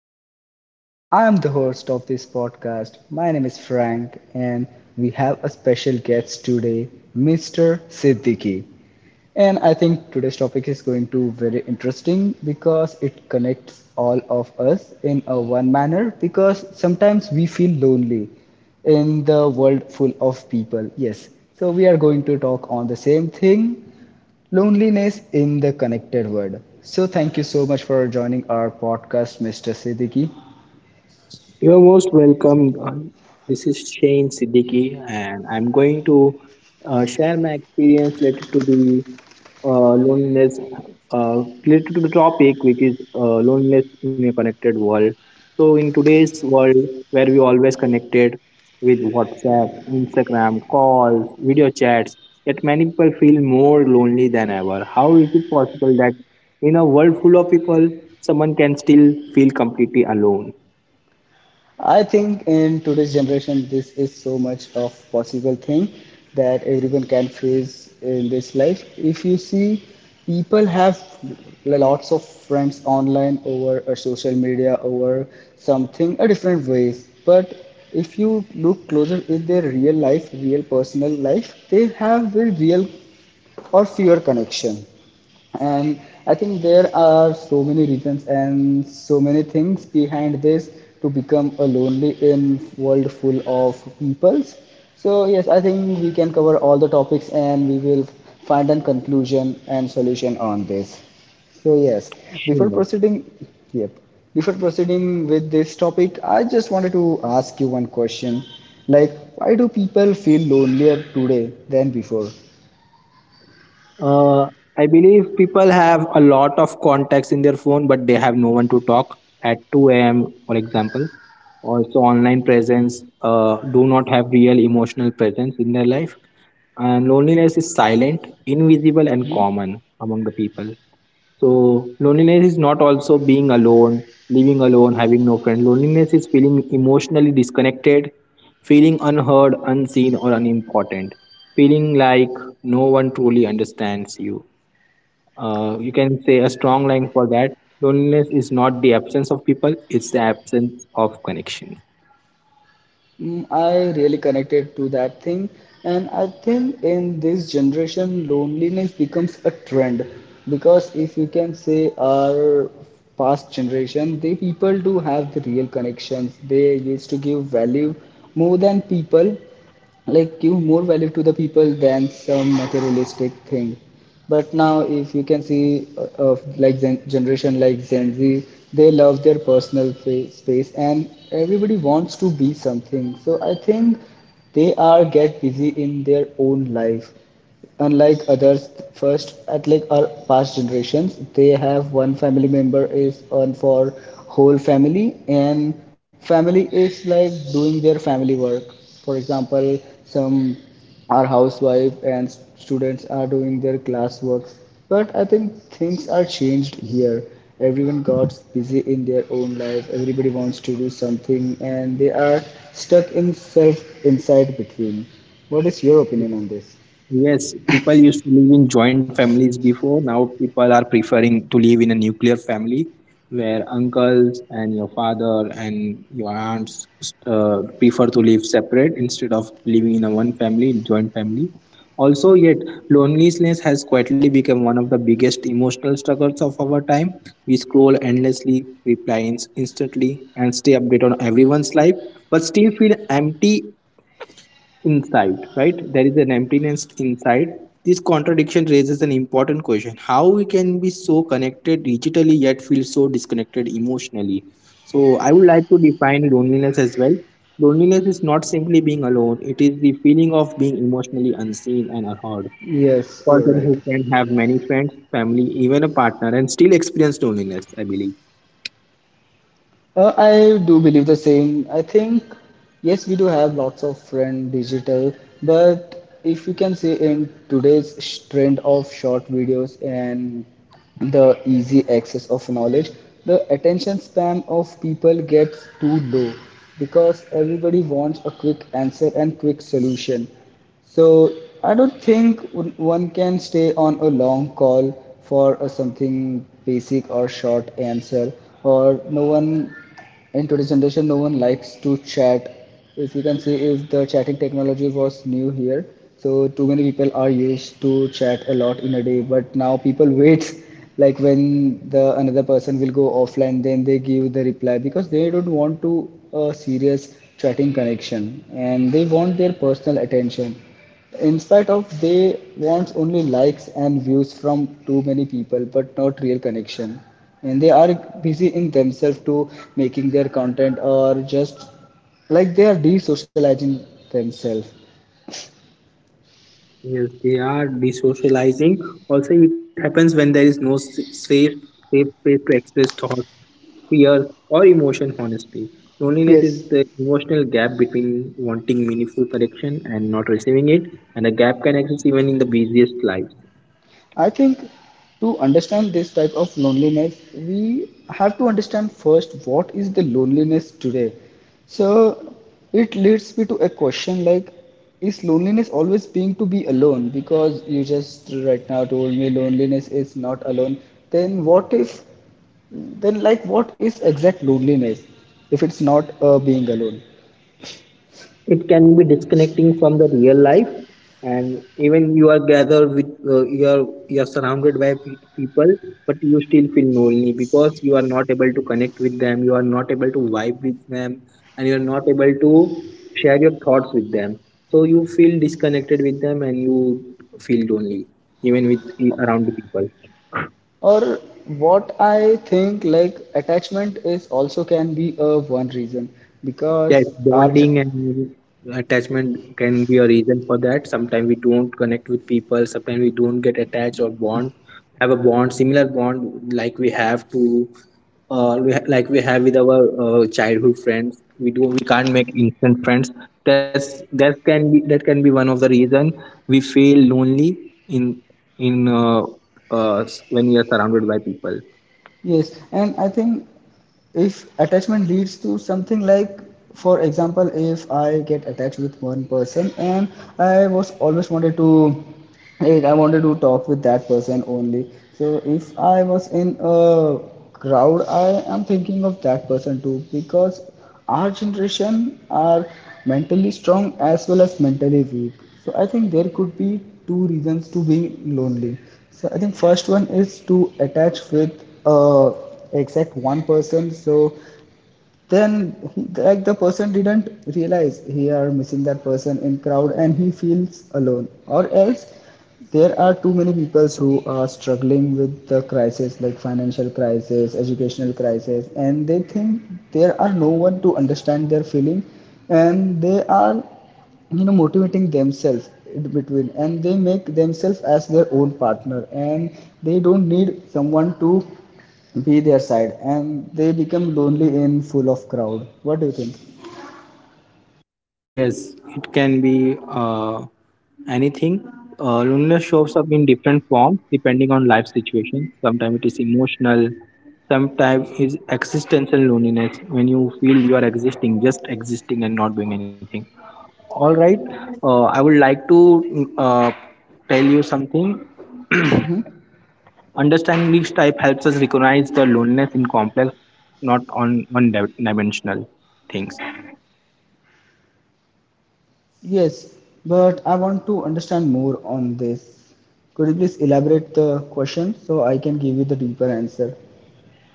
podcast. I am the host of this podcast. My name is Frank, and we have a special guest today, Mr. Siddiqui. And I think today's topic is going to be very interesting because it connects all of us in a one manner because sometimes we feel lonely in the world full of people. Yes. So we are going to talk on the same thing, loneliness in the connected world. So, thank you so much for joining our podcast, Mr. Siddiqui. You're most welcome. Don. This is Shane Siddiqui, and I'm going to share my experience related to the loneliness, uh, related to the topic, which is loneliness in a connected world. So, in today's world, where we always connected with WhatsApp, Instagram, calls, video chats, yet many people feel more lonely than ever. How is it possible that in a world full of people, someone can still feel completely alone? I think in today's generation, this is so much of possible thing that everyone can face in this life. If you see, people have lots of friends online over a social media over something a different ways, but if you look closer in their real life, real personal life, they have a real or fewer connection. And I think there are so many reasons and so many things behind this to become a lonely in world full of peoples. So yes, I think we can cover all the topics and we will find a conclusion and solution on this. So yes, before Sure. proceeding yep before proceeding with this topic, I just wanted to ask you one question, like why do people feel lonelier today than before? Uh, I believe people have a lot of contacts in their phone, but they have no one to talk at 2 a.m., for example. Also, online presence do not have real emotional presence in their life. And loneliness is silent, invisible, and common among the people. So loneliness is not also being alone, living alone, having no friend. Loneliness is feeling emotionally disconnected, feeling unheard, unseen, or unimportant, feeling like no one truly understands you. You can say a strong line for that. Loneliness is not the absence of people; it's the absence of connection. Mm, I really connected to that thing, and I think in this generation, loneliness becomes a trend because if you can say our past generation, they people do have the real connections. They used to give value more than people, like give more value to the people than some materialistic thing. But now, if you can see, of like generation like gen z, they love their personal space and everybody wants to be something, so I think they are get busy in their own life, unlike others. First at like our past generations, they have one family member is on for whole family, and family is like doing their family work. For example, some are housewife and students are doing their class works. But I think things are changed here. Everyone got busy in their own life, everybody wants to do something and they are stuck in self inside between. What is your opinion on this? Yes, people used to live in joint families before. Now people are preferring to live in a nuclear family where uncles and your father and your aunts prefer to live separate instead of living in a one family, in joint family. Also, yet loneliness has quietly become one of the biggest emotional struggles of our time. We scroll endlessly, reply instantly, and stay updated on everyone's life, but still feel empty inside, right? There is an emptiness inside. This contradiction raises an important question how we can be so connected digitally yet feel so disconnected emotionally. So, I would like to define loneliness as well. Loneliness is not simply being alone, it is the feeling of being emotionally unseen and unheard. Yes, you're Person right. who can have many friends, family, even a partner, and still experience loneliness, I believe. I do believe the same. I think, yes, we do have lots of friend digital, but if you can say in today's trend of short videos and the easy access of knowledge, the attention span of people gets too low because everybody wants a quick answer and quick solution. So I don't think one can stay on a long call for a something basic or short answer. Or no one in today's generation, no one likes to chat. If you can see, if the chatting technology was new here, so too many people are used to chat a lot in a day. But now people wait, like when the another person will go offline then they give the reply because they don't want to a serious chatting connection and they want their personal attention in spite of they wants only likes and views from too many people but not real connection. And they are busy in themselves to making their content or just like they are de-socializing themselves. Yes, they are desocializing. Also, it happens when there is no safe space to express thoughts, fears, or emotion honestly. Loneliness Yes, is the emotional gap between wanting meaningful connection and not receiving it, and a gap can exist even in the busiest lives. I think to understand this type of loneliness, we have to understand first what is the loneliness today. So it leads me to a question like, is loneliness always being to be alone? Because you just right now told me loneliness is not alone. Then what if, then like, what is exact loneliness if it's not being alone? It can be disconnecting from the real life, and even you are gathered with you are surrounded by people, but you still feel lonely because you are not able to connect with them, you are not able to vibe with them, and you are not able to share your thoughts with them, so you feel disconnected with them and you feel lonely even with around the people. Or what I think like attachment is also can be a one reason Yes, because our bonding and attachment can be a reason for that. Sometimes we don't connect with people, sometimes we don't get attached or bond, have a bond, similar bond like we have to we ha- like we have with our childhood friends. We can't make instant friends. That can be one of the reason we feel lonely in in uh, when we are surrounded by people. yes, and I think if attachment leads to something like, for example, if I get attached with one person and I was always wanted to, like I wanted to talk with that person only, so if I was in a crowd, I am thinking of that person too because our generation are mentally strong as well as mentally weak. So I think there could be two reasons to being lonely. So I think first one is to attach with exact one person, so then he, like the person didn't realize he are missing that person in crowd and he feels alone. Or else there are too many people who are struggling with the crisis like financial crisis, educational crisis, and they think there are no one to understand their feeling, and they are, you know, motivating themselves in between and they make themselves as their own partner and they don't need someone to be their side and they become lonely in full of crowd. What do you think? Yes, it can be anything. Loneliness shows up in different forms depending on life situation. Sometimes it is emotional, sometimes it's existential loneliness when you feel you are existing, just existing and not doing anything. All right, I would like to tell you something. Hmm. Understanding each type helps us recognize the loneliness in complex, not on one dimensional things. Yes, but I want to understand more on this. Could you please elaborate the question so I can give you the deeper answer?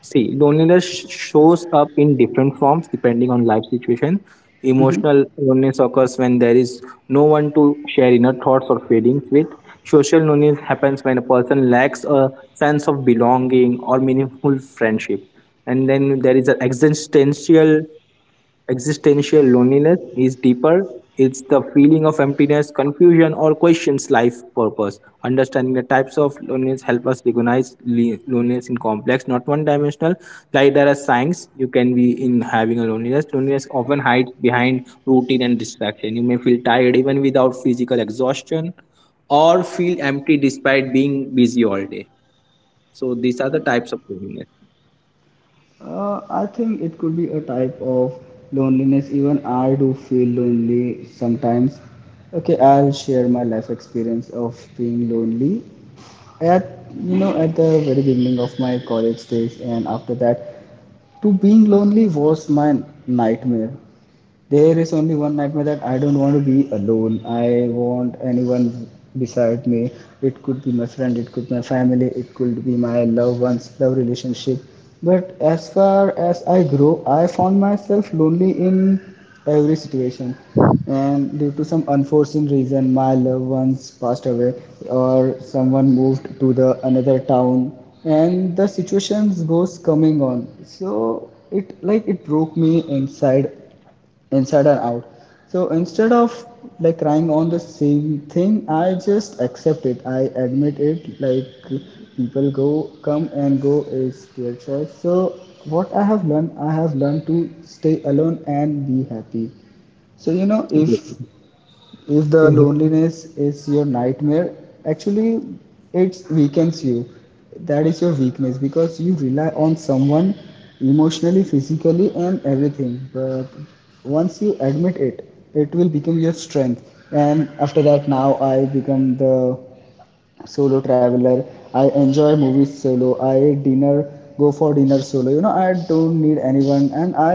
See, loneliness shows up in different forms depending on life situation. Emotional loneliness occurs when there is no one to share inner thoughts or feelings with. Social loneliness happens when a person lacks a sense of belonging or meaningful friendship. And then there is an existential. Existential loneliness is deeper. It's the feeling of emptiness, confusion, or questions life purpose. Understanding the types of loneliness help us recognize loneliness in complex, not one-dimensional. Like there are signs you can be in having a loneliness. Loneliness often hides behind routine and distraction. You may feel tired even without physical exhaustion, or feel empty despite being busy all day. So these are the types of loneliness. I think it could be a type of loneliness. Even I do feel lonely sometimes. Okay, I'll share my life experience of being lonely at, you know, at the very beginning of my college days, and after that, to being lonely was my nightmare. There is only one nightmare that I don't want to be alone. I want anyone beside me. It could be my friend, it could be my family, it could be my loved ones, love relationship. But as far as I grew, I found myself lonely in every situation, and due to some unforeseen reason, my loved ones passed away or someone moved to the another town, and the situations goes coming on, so it like it broke me inside, inside and out. So instead of like crying on the same thing, I just accept it, I admit it, like people go, come and go, is their choice. So what I have learned, I have learned to stay alone and be happy. So you know, if the Mhm. loneliness is your nightmare, actually it weakens you. That is your weakness because you rely on someone emotionally, physically, and everything. But once you admit it, it will become your strength. And after that, now I become the solo traveler. I enjoy movies solo, I dinner, go for dinner solo, you know, I don't need anyone and I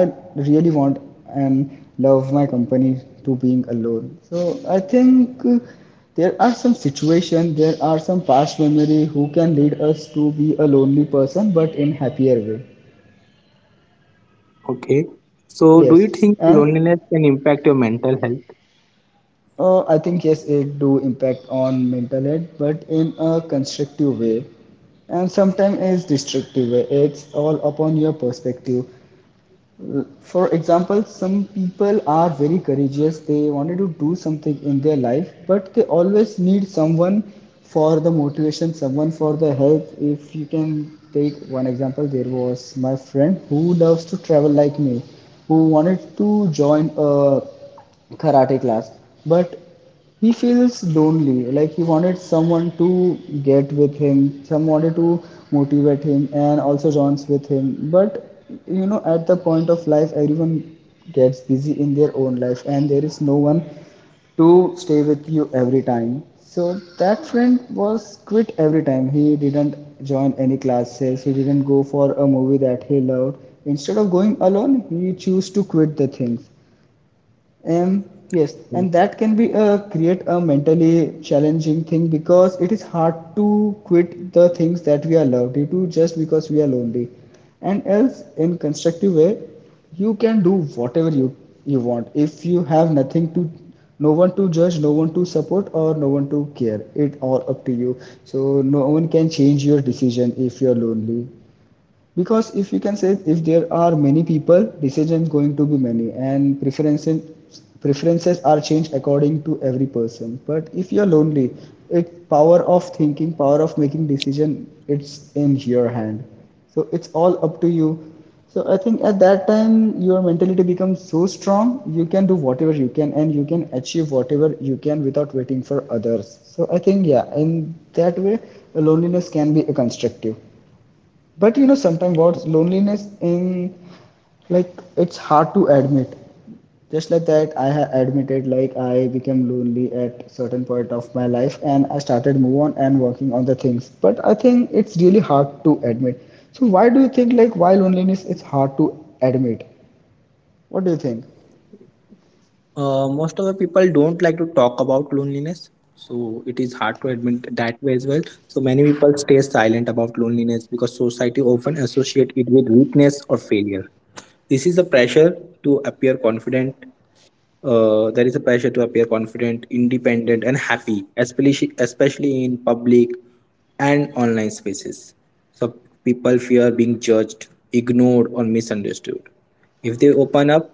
really want and love my company to being alone. So I think there are some situations, there are some past memory who can lead us to be a lonely person but in happier way. Okay. So, do you Yes, think and loneliness can impact your mental health? I think yes, it do impact on mental health, but in a constructive way, and sometimes it's destructive way. It's all upon your perspective. For example, some people are very courageous. They wanted to do something in their life, but they always need someone for the motivation, someone for the help. If you can take one example, there was my friend who loves to travel like me, who wanted to join a karate class, but he feels lonely, like he wanted someone to get with him, someone to motivate him and also joins with him. But you know, at the point of life, everyone gets busy in their own life and there is no one to stay with you every time. So that friend was quit every time, he didn't join any classes, he didn't go for a movie that he loved. Instead of going alone, he chose to quit the things. And yes, Mm. and that can be, create a mentally challenging thing because it is hard to quit the things that we are loved to just because we are lonely. And else, in constructive way, you can do whatever you want. If you have nothing to, no one to judge, no one to support, or no one to care, it all up to you. So no one can change your decision if you're lonely, because if you can say if there are many people, decisions going to be many and preferences, preferences are changed according to every person. But if you're lonely, it power of thinking, power of making decision, it's in your hand, so it's all up to you. So I think at that time your mentality becomes so strong, you can do whatever you can and you can achieve whatever you can without waiting for others. So I think yeah, in that way loneliness can be a constructive. But you know, sometimes what's loneliness in, like it's hard to admit. Just like that, I have admitted like I became lonely at certain point of my life, and I started move on and working on the things. But I think it's really hard to admit. So why do you think, like why loneliness is hard to admit? What do you think? Most of the people don't like to talk about loneliness, so it is hard to admit that way as well. So many people stay silent about loneliness because society often associate it with weakness or failure. This is the pressure to appear confident. There is a pressure to appear confident, independent, and happy, especially in public and online spaces. So people fear being judged, ignored, or misunderstood. If they open up,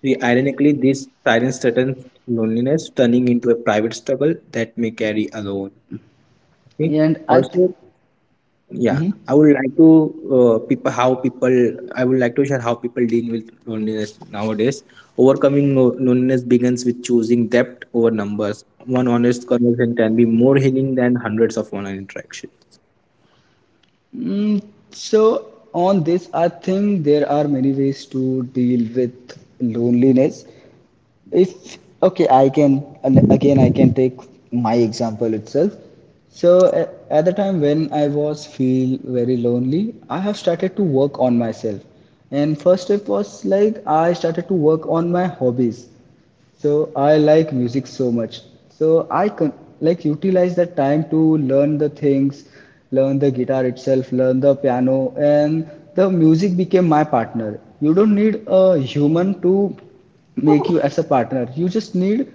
ironically, this silence threatens loneliness, turning into a private struggle that may carry alone. Okay? And I th- Also, yeah, Mhm. I would like to uh, people how people I would like to share how people deal with loneliness nowadays. Overcoming loneliness begins with choosing depth over numbers. One honest conversation can be more healing than hundreds of online interactions. Mm, so on this, I think there are many ways to deal with loneliness. If okay, I can, and again, I can take my example itself. So at the time when I was feel very lonely, I have started to work on myself, and first step was like I started to work on my hobbies. So I like music so much. So I can like utilize that time to learn the things, learn the guitar itself, learn the piano, and the music became my partner. You don't need a human to make you as a partner. You just need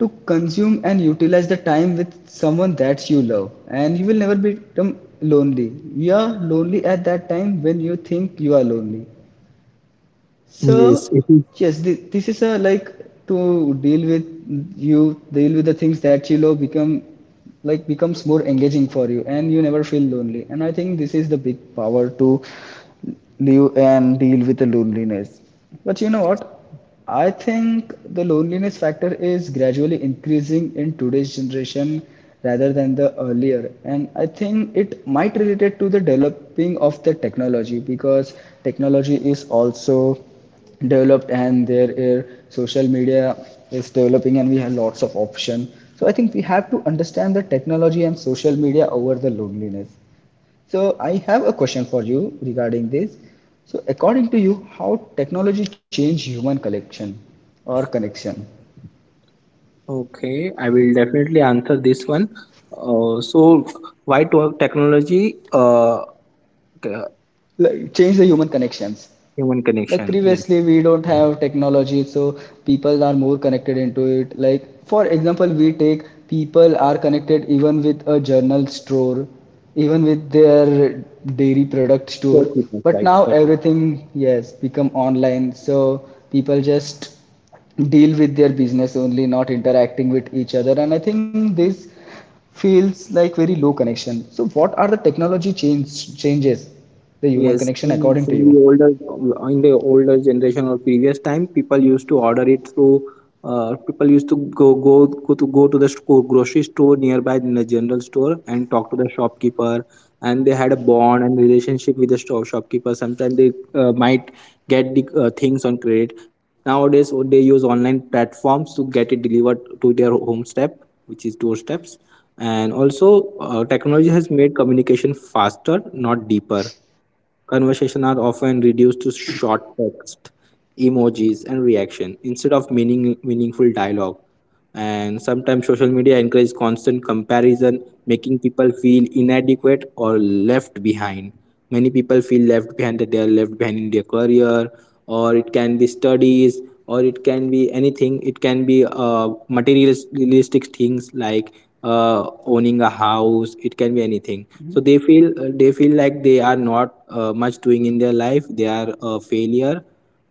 to consume and utilize the time with someone that you love, and you will never become lonely. You are lonely at that time when you think you are lonely. Yes, So it is. yes, this is a like to deal with. You deal with the things that you love become like becomes more engaging for you, and you never feel lonely. And I think this is the big power to live and deal with the loneliness. But you know what? I think the loneliness factor is gradually increasing in today's generation rather than the earlier. And I think it might relate to the developing of the technology, because technology is also developed and there is social media is developing, and we have lots of option. So I think we have to understand the technology and social media over the loneliness. So I have a question for you regarding this. So according to you, how technology change human connection or connection? Okay, I will definitely answer this one. So, why to technology? C- Like change the human connections. human Like connection. Yes, previously we don't have technology, so people are more connected into it. Like for example we take, people are connected even with a journal store, even with their dairy product store. got it, But right. now Got it. everything, yes, become online, so people just deal with their business only, not interacting with each other, and I think this feels like very low connection. So what are the technology changes the human Yes, connection in, according to in you? the older generation or previous time, people used to order it through. People used to go to the store, grocery store nearby in the general store and talk to the shopkeeper, and they had a bond and relationship with the store shopkeeper. Sometimes they might get the things on credit. Nowadays, oh, they use online platforms to get it delivered to their home step, which is doorsteps. And also, technology has made communication faster, not deeper. Conversations are often reduced to short text, emojis, and reaction instead of meaningful dialogue. And sometimes social media encourages constant comparison, making people feel inadequate or left behind. Many people feel left behind that they are left behind in their career, or it can be studies, or it can be anything, it can be materialistic things like owning a house, it can be anything, so they feel like they are not much doing in their life, they are a failure,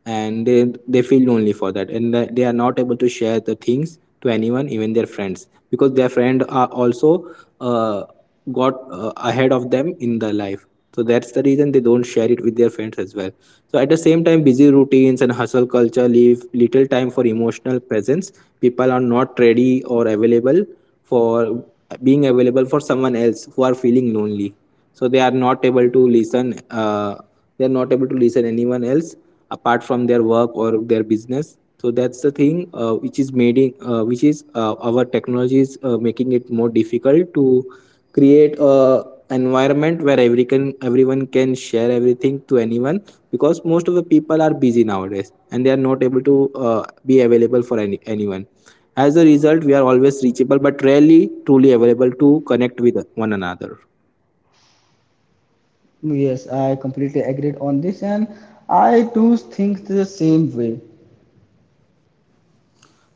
and they feel lonely for that, and that they are not able to share the things to anyone, even their friends, because their friend are also uh, got ahead of them in their life. So that's the reason they don't share it with their friends as well. So at the same time, busy routines and hustle culture leave little time for emotional presence. People are not ready or available for being available for someone else who are feeling lonely, so they are not able to listen anyone else apart from their work or their business. So that's the thing, which is made in, which is our technology is making it more difficult to create a environment where everyone can share everything to anyone, because most of the people are busy nowadays and they are not able to be available for anyone. As a result, we are always reachable but rarely truly available to connect with one another, Yes, I completely agreed on this, and I too think the same way.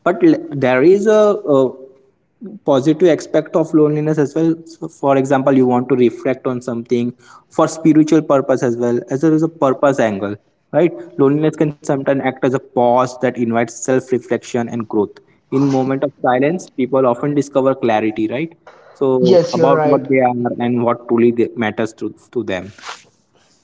but there is a positive aspect of loneliness as well. So, for example, you want to reflect on something for spiritual purpose, as well as there is a purpose angle, right? Loneliness can sometimes act as a pause that invites self-reflection and growth. In moment of silence, people often discover clarity, right? So Yes, you're about right. what they are and what truly matters to them.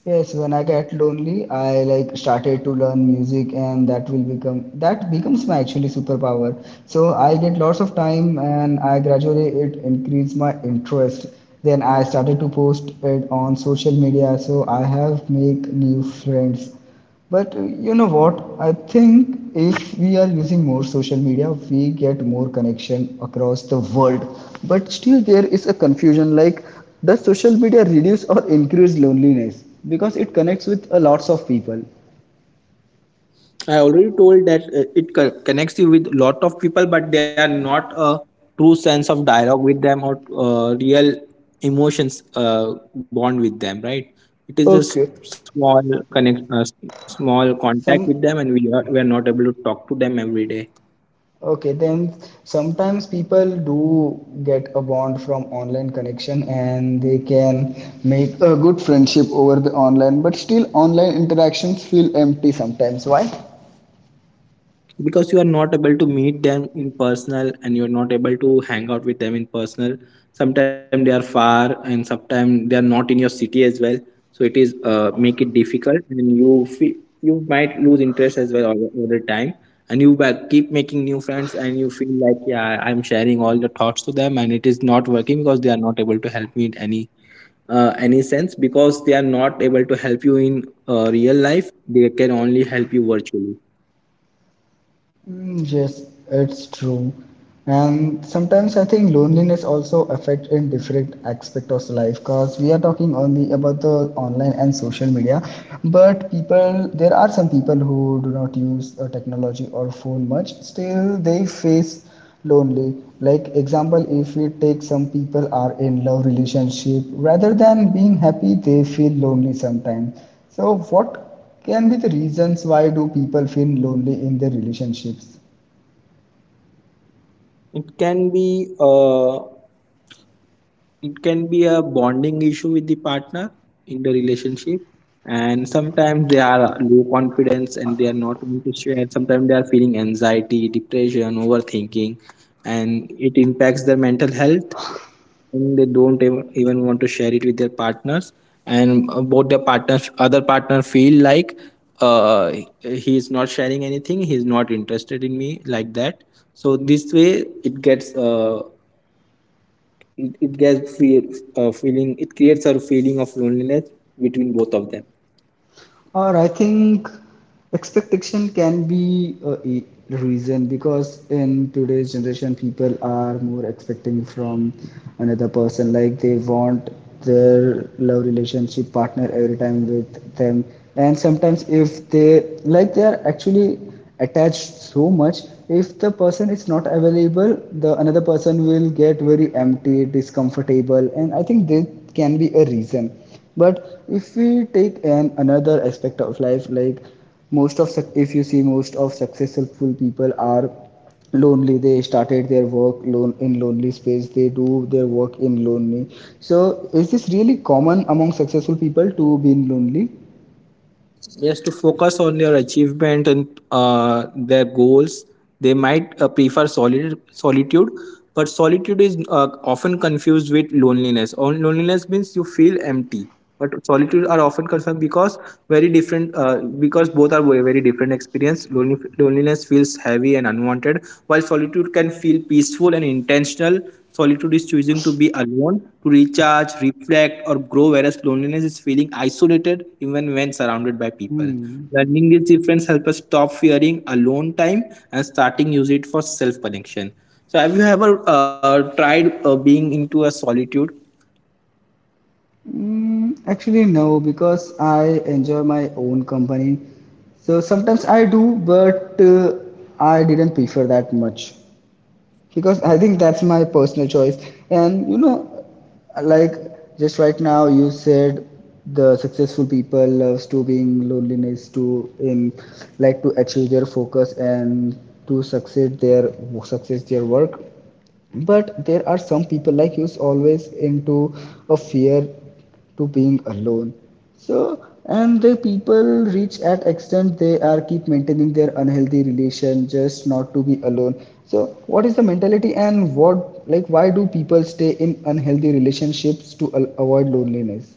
Yes, when I get lonely, I like started to learn music, and that will become that becomes my actually superpower. So I get lots of time, and I gradually it increased my interest. Then I started to post it on social media, so I have make new friends. But you know what? I think if we are using more social media, we get more connection across the world. But still, there is a confusion like, does social media reduce or increase loneliness? Because it connects with a lots of people. I already told that it connects you with lot of people, but they are not a true sense of dialogue with them or real emotions bond with them, right? It is just Okay, small connect, uh, s- small contact some with them, and we are not able to talk to them every day. okay, then sometimes people do get a bond from online connection, and they can make a good friendship over the online, but still online interactions feel empty sometimes. Why? Because you are not able to meet them in personal and you're not able to hang out with them in personal. Sometimes they are far and sometimes they are not in your city as well, so it is make it difficult and you might lose interest as well all the time, and keep making new friends and you feel like yeah I'm sharing all the thoughts to them, and it is not working because they are not able to help me in any sense, because they are not able to help you in real life, they can only help you virtually. Mm, yes, it's true. And sometimes I think loneliness also affect in different aspect of life, because we are talking only about the online and social media, but people, there are some people who do not use technology or phone much, still they face lonely. Like example, if we take, some people are in love relationship, rather than being happy, they feel lonely sometimes. So what can be the reasons why do people feel lonely in their relationships? It can be uh, it can be a bonding issue with the partner in the relationship, and sometimes they are low confidence and they are not willing to share. Sometimes they are feeling anxiety, depression, overthinking, and it impacts their mental health. And they don't even want to share it with their partners, and both their partners, other partner, feel like uh, he is not sharing anything. He is not interested in me like that, so this way it gets it, it gets feel, feeling it creates a feeling of loneliness between both of them, Or I think expectation can be a reason, because in today's generation people are more expecting from another person, like they want their love relationship partner every time with them. And sometimes if they, like they are actually attached so much, if the person is not available, the another person will get very empty, discomfortable, and I think this can be a reason. But if we take an another aspect of life, like most of, if you see, most of successful people are lonely. They started their work lone in lonely space, they do their work in lonely. So is this really common among successful people to be lonely? just to focus on their achievement and their goals. They might prefer solitude, but solitude is often confused with loneliness. On loneliness means you feel empty, but solitude are often confused because very different because both are very different experience. Loneliness feels heavy and unwanted, while solitude can feel peaceful and intentional. Solitude is choosing to be alone, to recharge, reflect, or grow, whereas loneliness is feeling isolated even when surrounded by people. Hmm. Learning these differences help us stop fearing alone time and starting use it for self connection. So, have you ever tried being into a solitude? Mm, actually no, because I enjoy my own company. So sometimes I do, but I didn't prefer that much, because I think that's my personal choice. And you know, like just right now you said the successful people loves to being loneliness to in like to achieve their focus and to succeed their success their work. But there are some people like who's always into a fear to being alone. So, and the people reach at extent, they are keep maintaining their unhealthy relation just not to be alone. So what is the mentality and what, like why do people stay in unhealthy relationships to avoid loneliness?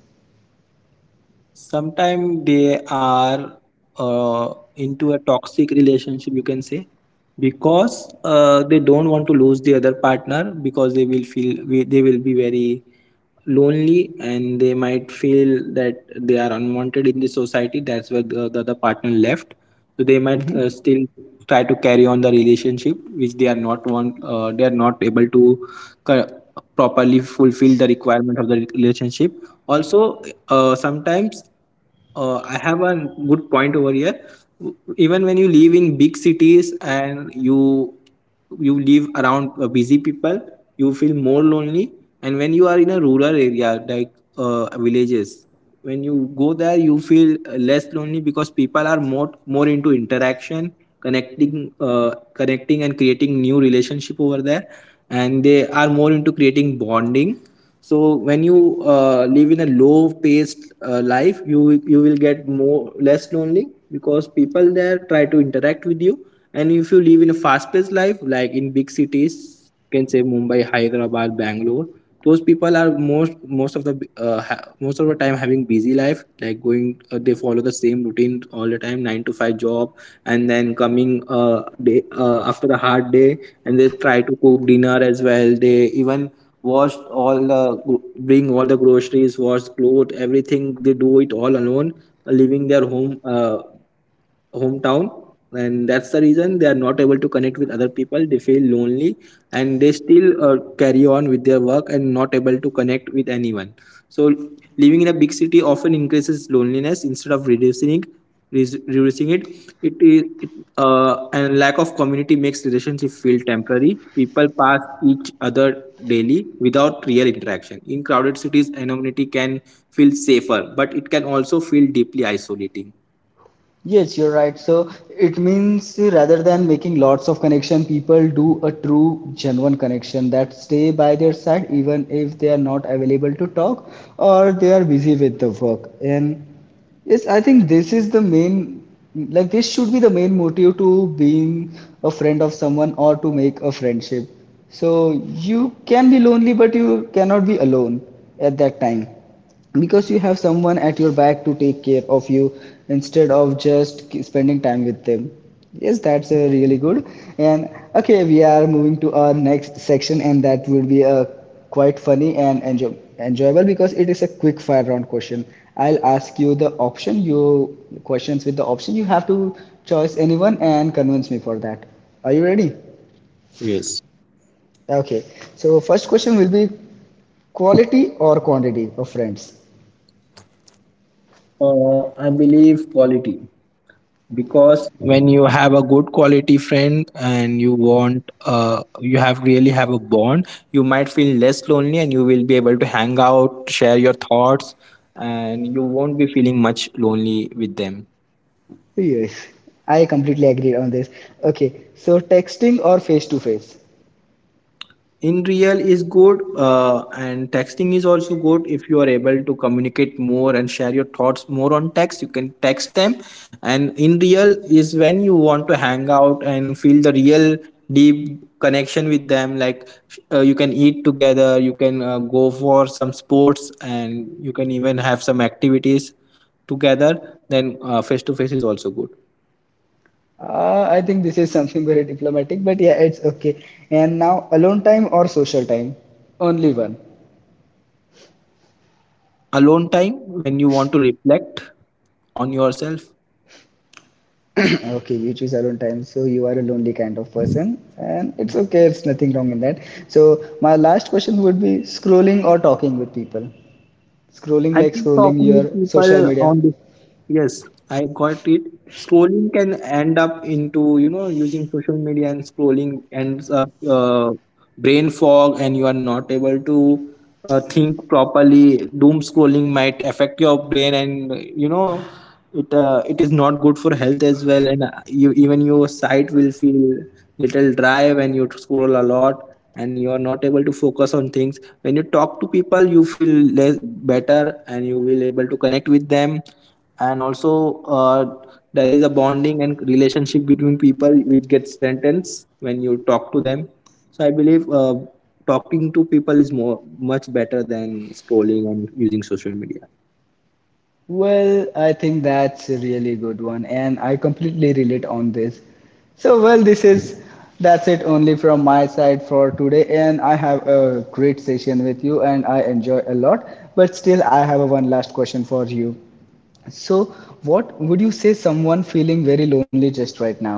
Sometimes they are into a toxic relationship, you can say, because they don't want to lose the other partner, because they will feel they will be very lonely, and they might feel that they are unwanted in the society, that's where the other partner left. So they might still try to carry on the relationship, which they are not want, they are not able to cor- properly fulfill the requirement of the relationship. Also, sometimes I have a good point over here. Even when you live in big cities and you live around busy people, you feel more lonely. And when you are in a rural area like villages, when you go there you feel less lonely, because people are more into interaction, connecting, connecting and creating new relationship over there, and they are more into creating bonding. So when you live in a low paced life, you will get more less lonely, because people there try to interact with you. And if you live in a fast paced life like in big cities, can say Mumbai, Hyderabad, Bangalore. Those people are most of the most of the time having busy life, like going. They follow the same routine all the time, 9 to 5 job, and then coming day after a hard day, and they try to cook dinner as well. They even wash all the bring all the groceries, wash clothes, everything they do it all alone, leaving their home, hometown, and that's the reason they are not able to connect with other people, they feel lonely, and they still carry on with their work and not able to connect with anyone. So living in a big city often increases loneliness instead of reducing it. res- Reducing it, it is it, and lack of community makes relationship feel temporary. People pass each other daily without real interaction. In crowded cities, anonymity can feel safer, but it can also feel deeply isolating. Yes, you're right. So it means rather than making lots of connection, people do a true, genuine connection that stay by their side even if they are not available to talk or they are busy with the work. And yes, I think this is the main, like this should be the main motive to being a friend of someone or to make a friendship. So you can be lonely, but you cannot be alone at that time, because you have someone at your back to take care of you, instead of just spending time with them. Yes, that's a really good. And okay, we are moving to our next section, and that will be a quite funny and enjoyable, because it is a quick fire round question. I'll ask you the option you, questions with the option you have to choose anyone and convince me for that. Are you ready? Yes. Okay, so first question will be quality or quantity of friends? I believe quality, because when you have a good quality friend and you want, you have really have a bond, you might feel less lonely and you will be able to hang out, share your thoughts, and you won't be feeling much lonely with them. Yes, I completely agree on this. Okay, so texting or face to face? In real is good, and texting is also good. If you are able to communicate more and share your thoughts more on text, you can text them. And in real is when you want to hang out and feel the real deep connection with them, like you can eat together, you can go for some sports, and you can even have some activities together, then face to face is also good. I think this is something very diplomatic, but yeah, it's okay. And now, alone time or social time? Only one. Alone time, when you want to reflect on yourself. Okay, you choose alone time, so you are a lonely kind of person, and it's okay, it's nothing wrong in that. So, my last question would be scrolling or talking with people? Scrolling, I like keep scrolling talking your with social people media. on this. Yes, I got it. Scrolling can end up into, you know, using social media, and scrolling ends up brain fog and you are not able to think properly. Doom scrolling might affect your brain and, you know, it is not good for health as well. And you, even your sight will feel little dry when you scroll a lot and you are not able to focus on things. When you talk to people, you feel less better and you will able to connect with them, and also there is a bonding and relationship between people which gets strengthened when you talk to them. So I believe talking to people is more much better than scrolling and using social media. Well, I think that's a really good one, and I completely relate on this. So, well, this is, that's it only from my side for today, and I have a great session with you, and I enjoy a lot. But still, I have a one last question for you. So, what would you say someone feeling very lonely just right now?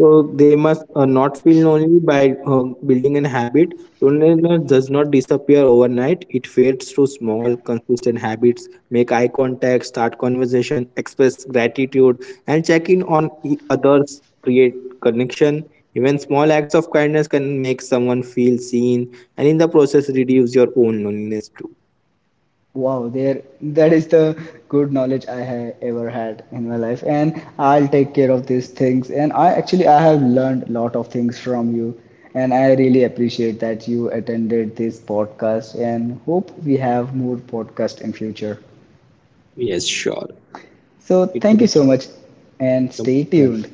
So they must not feel lonely by building an habit. Loneliness does not disappear overnight. It fades through small, consistent habits. Make eye contact, start conversation, express gratitude, and check in on others. Create connection. Even small acts of kindness can make someone feel seen, and in the process, reduce your own loneliness too. Wow, there, that is the good knowledge I have ever had in my life, and I'll take care of these things. And I actually, I have learned a lot of things from you, and I really appreciate that you attended this podcast, and hope we have more podcast in future. Yes, sure. So It thank you so much and stay was tuned.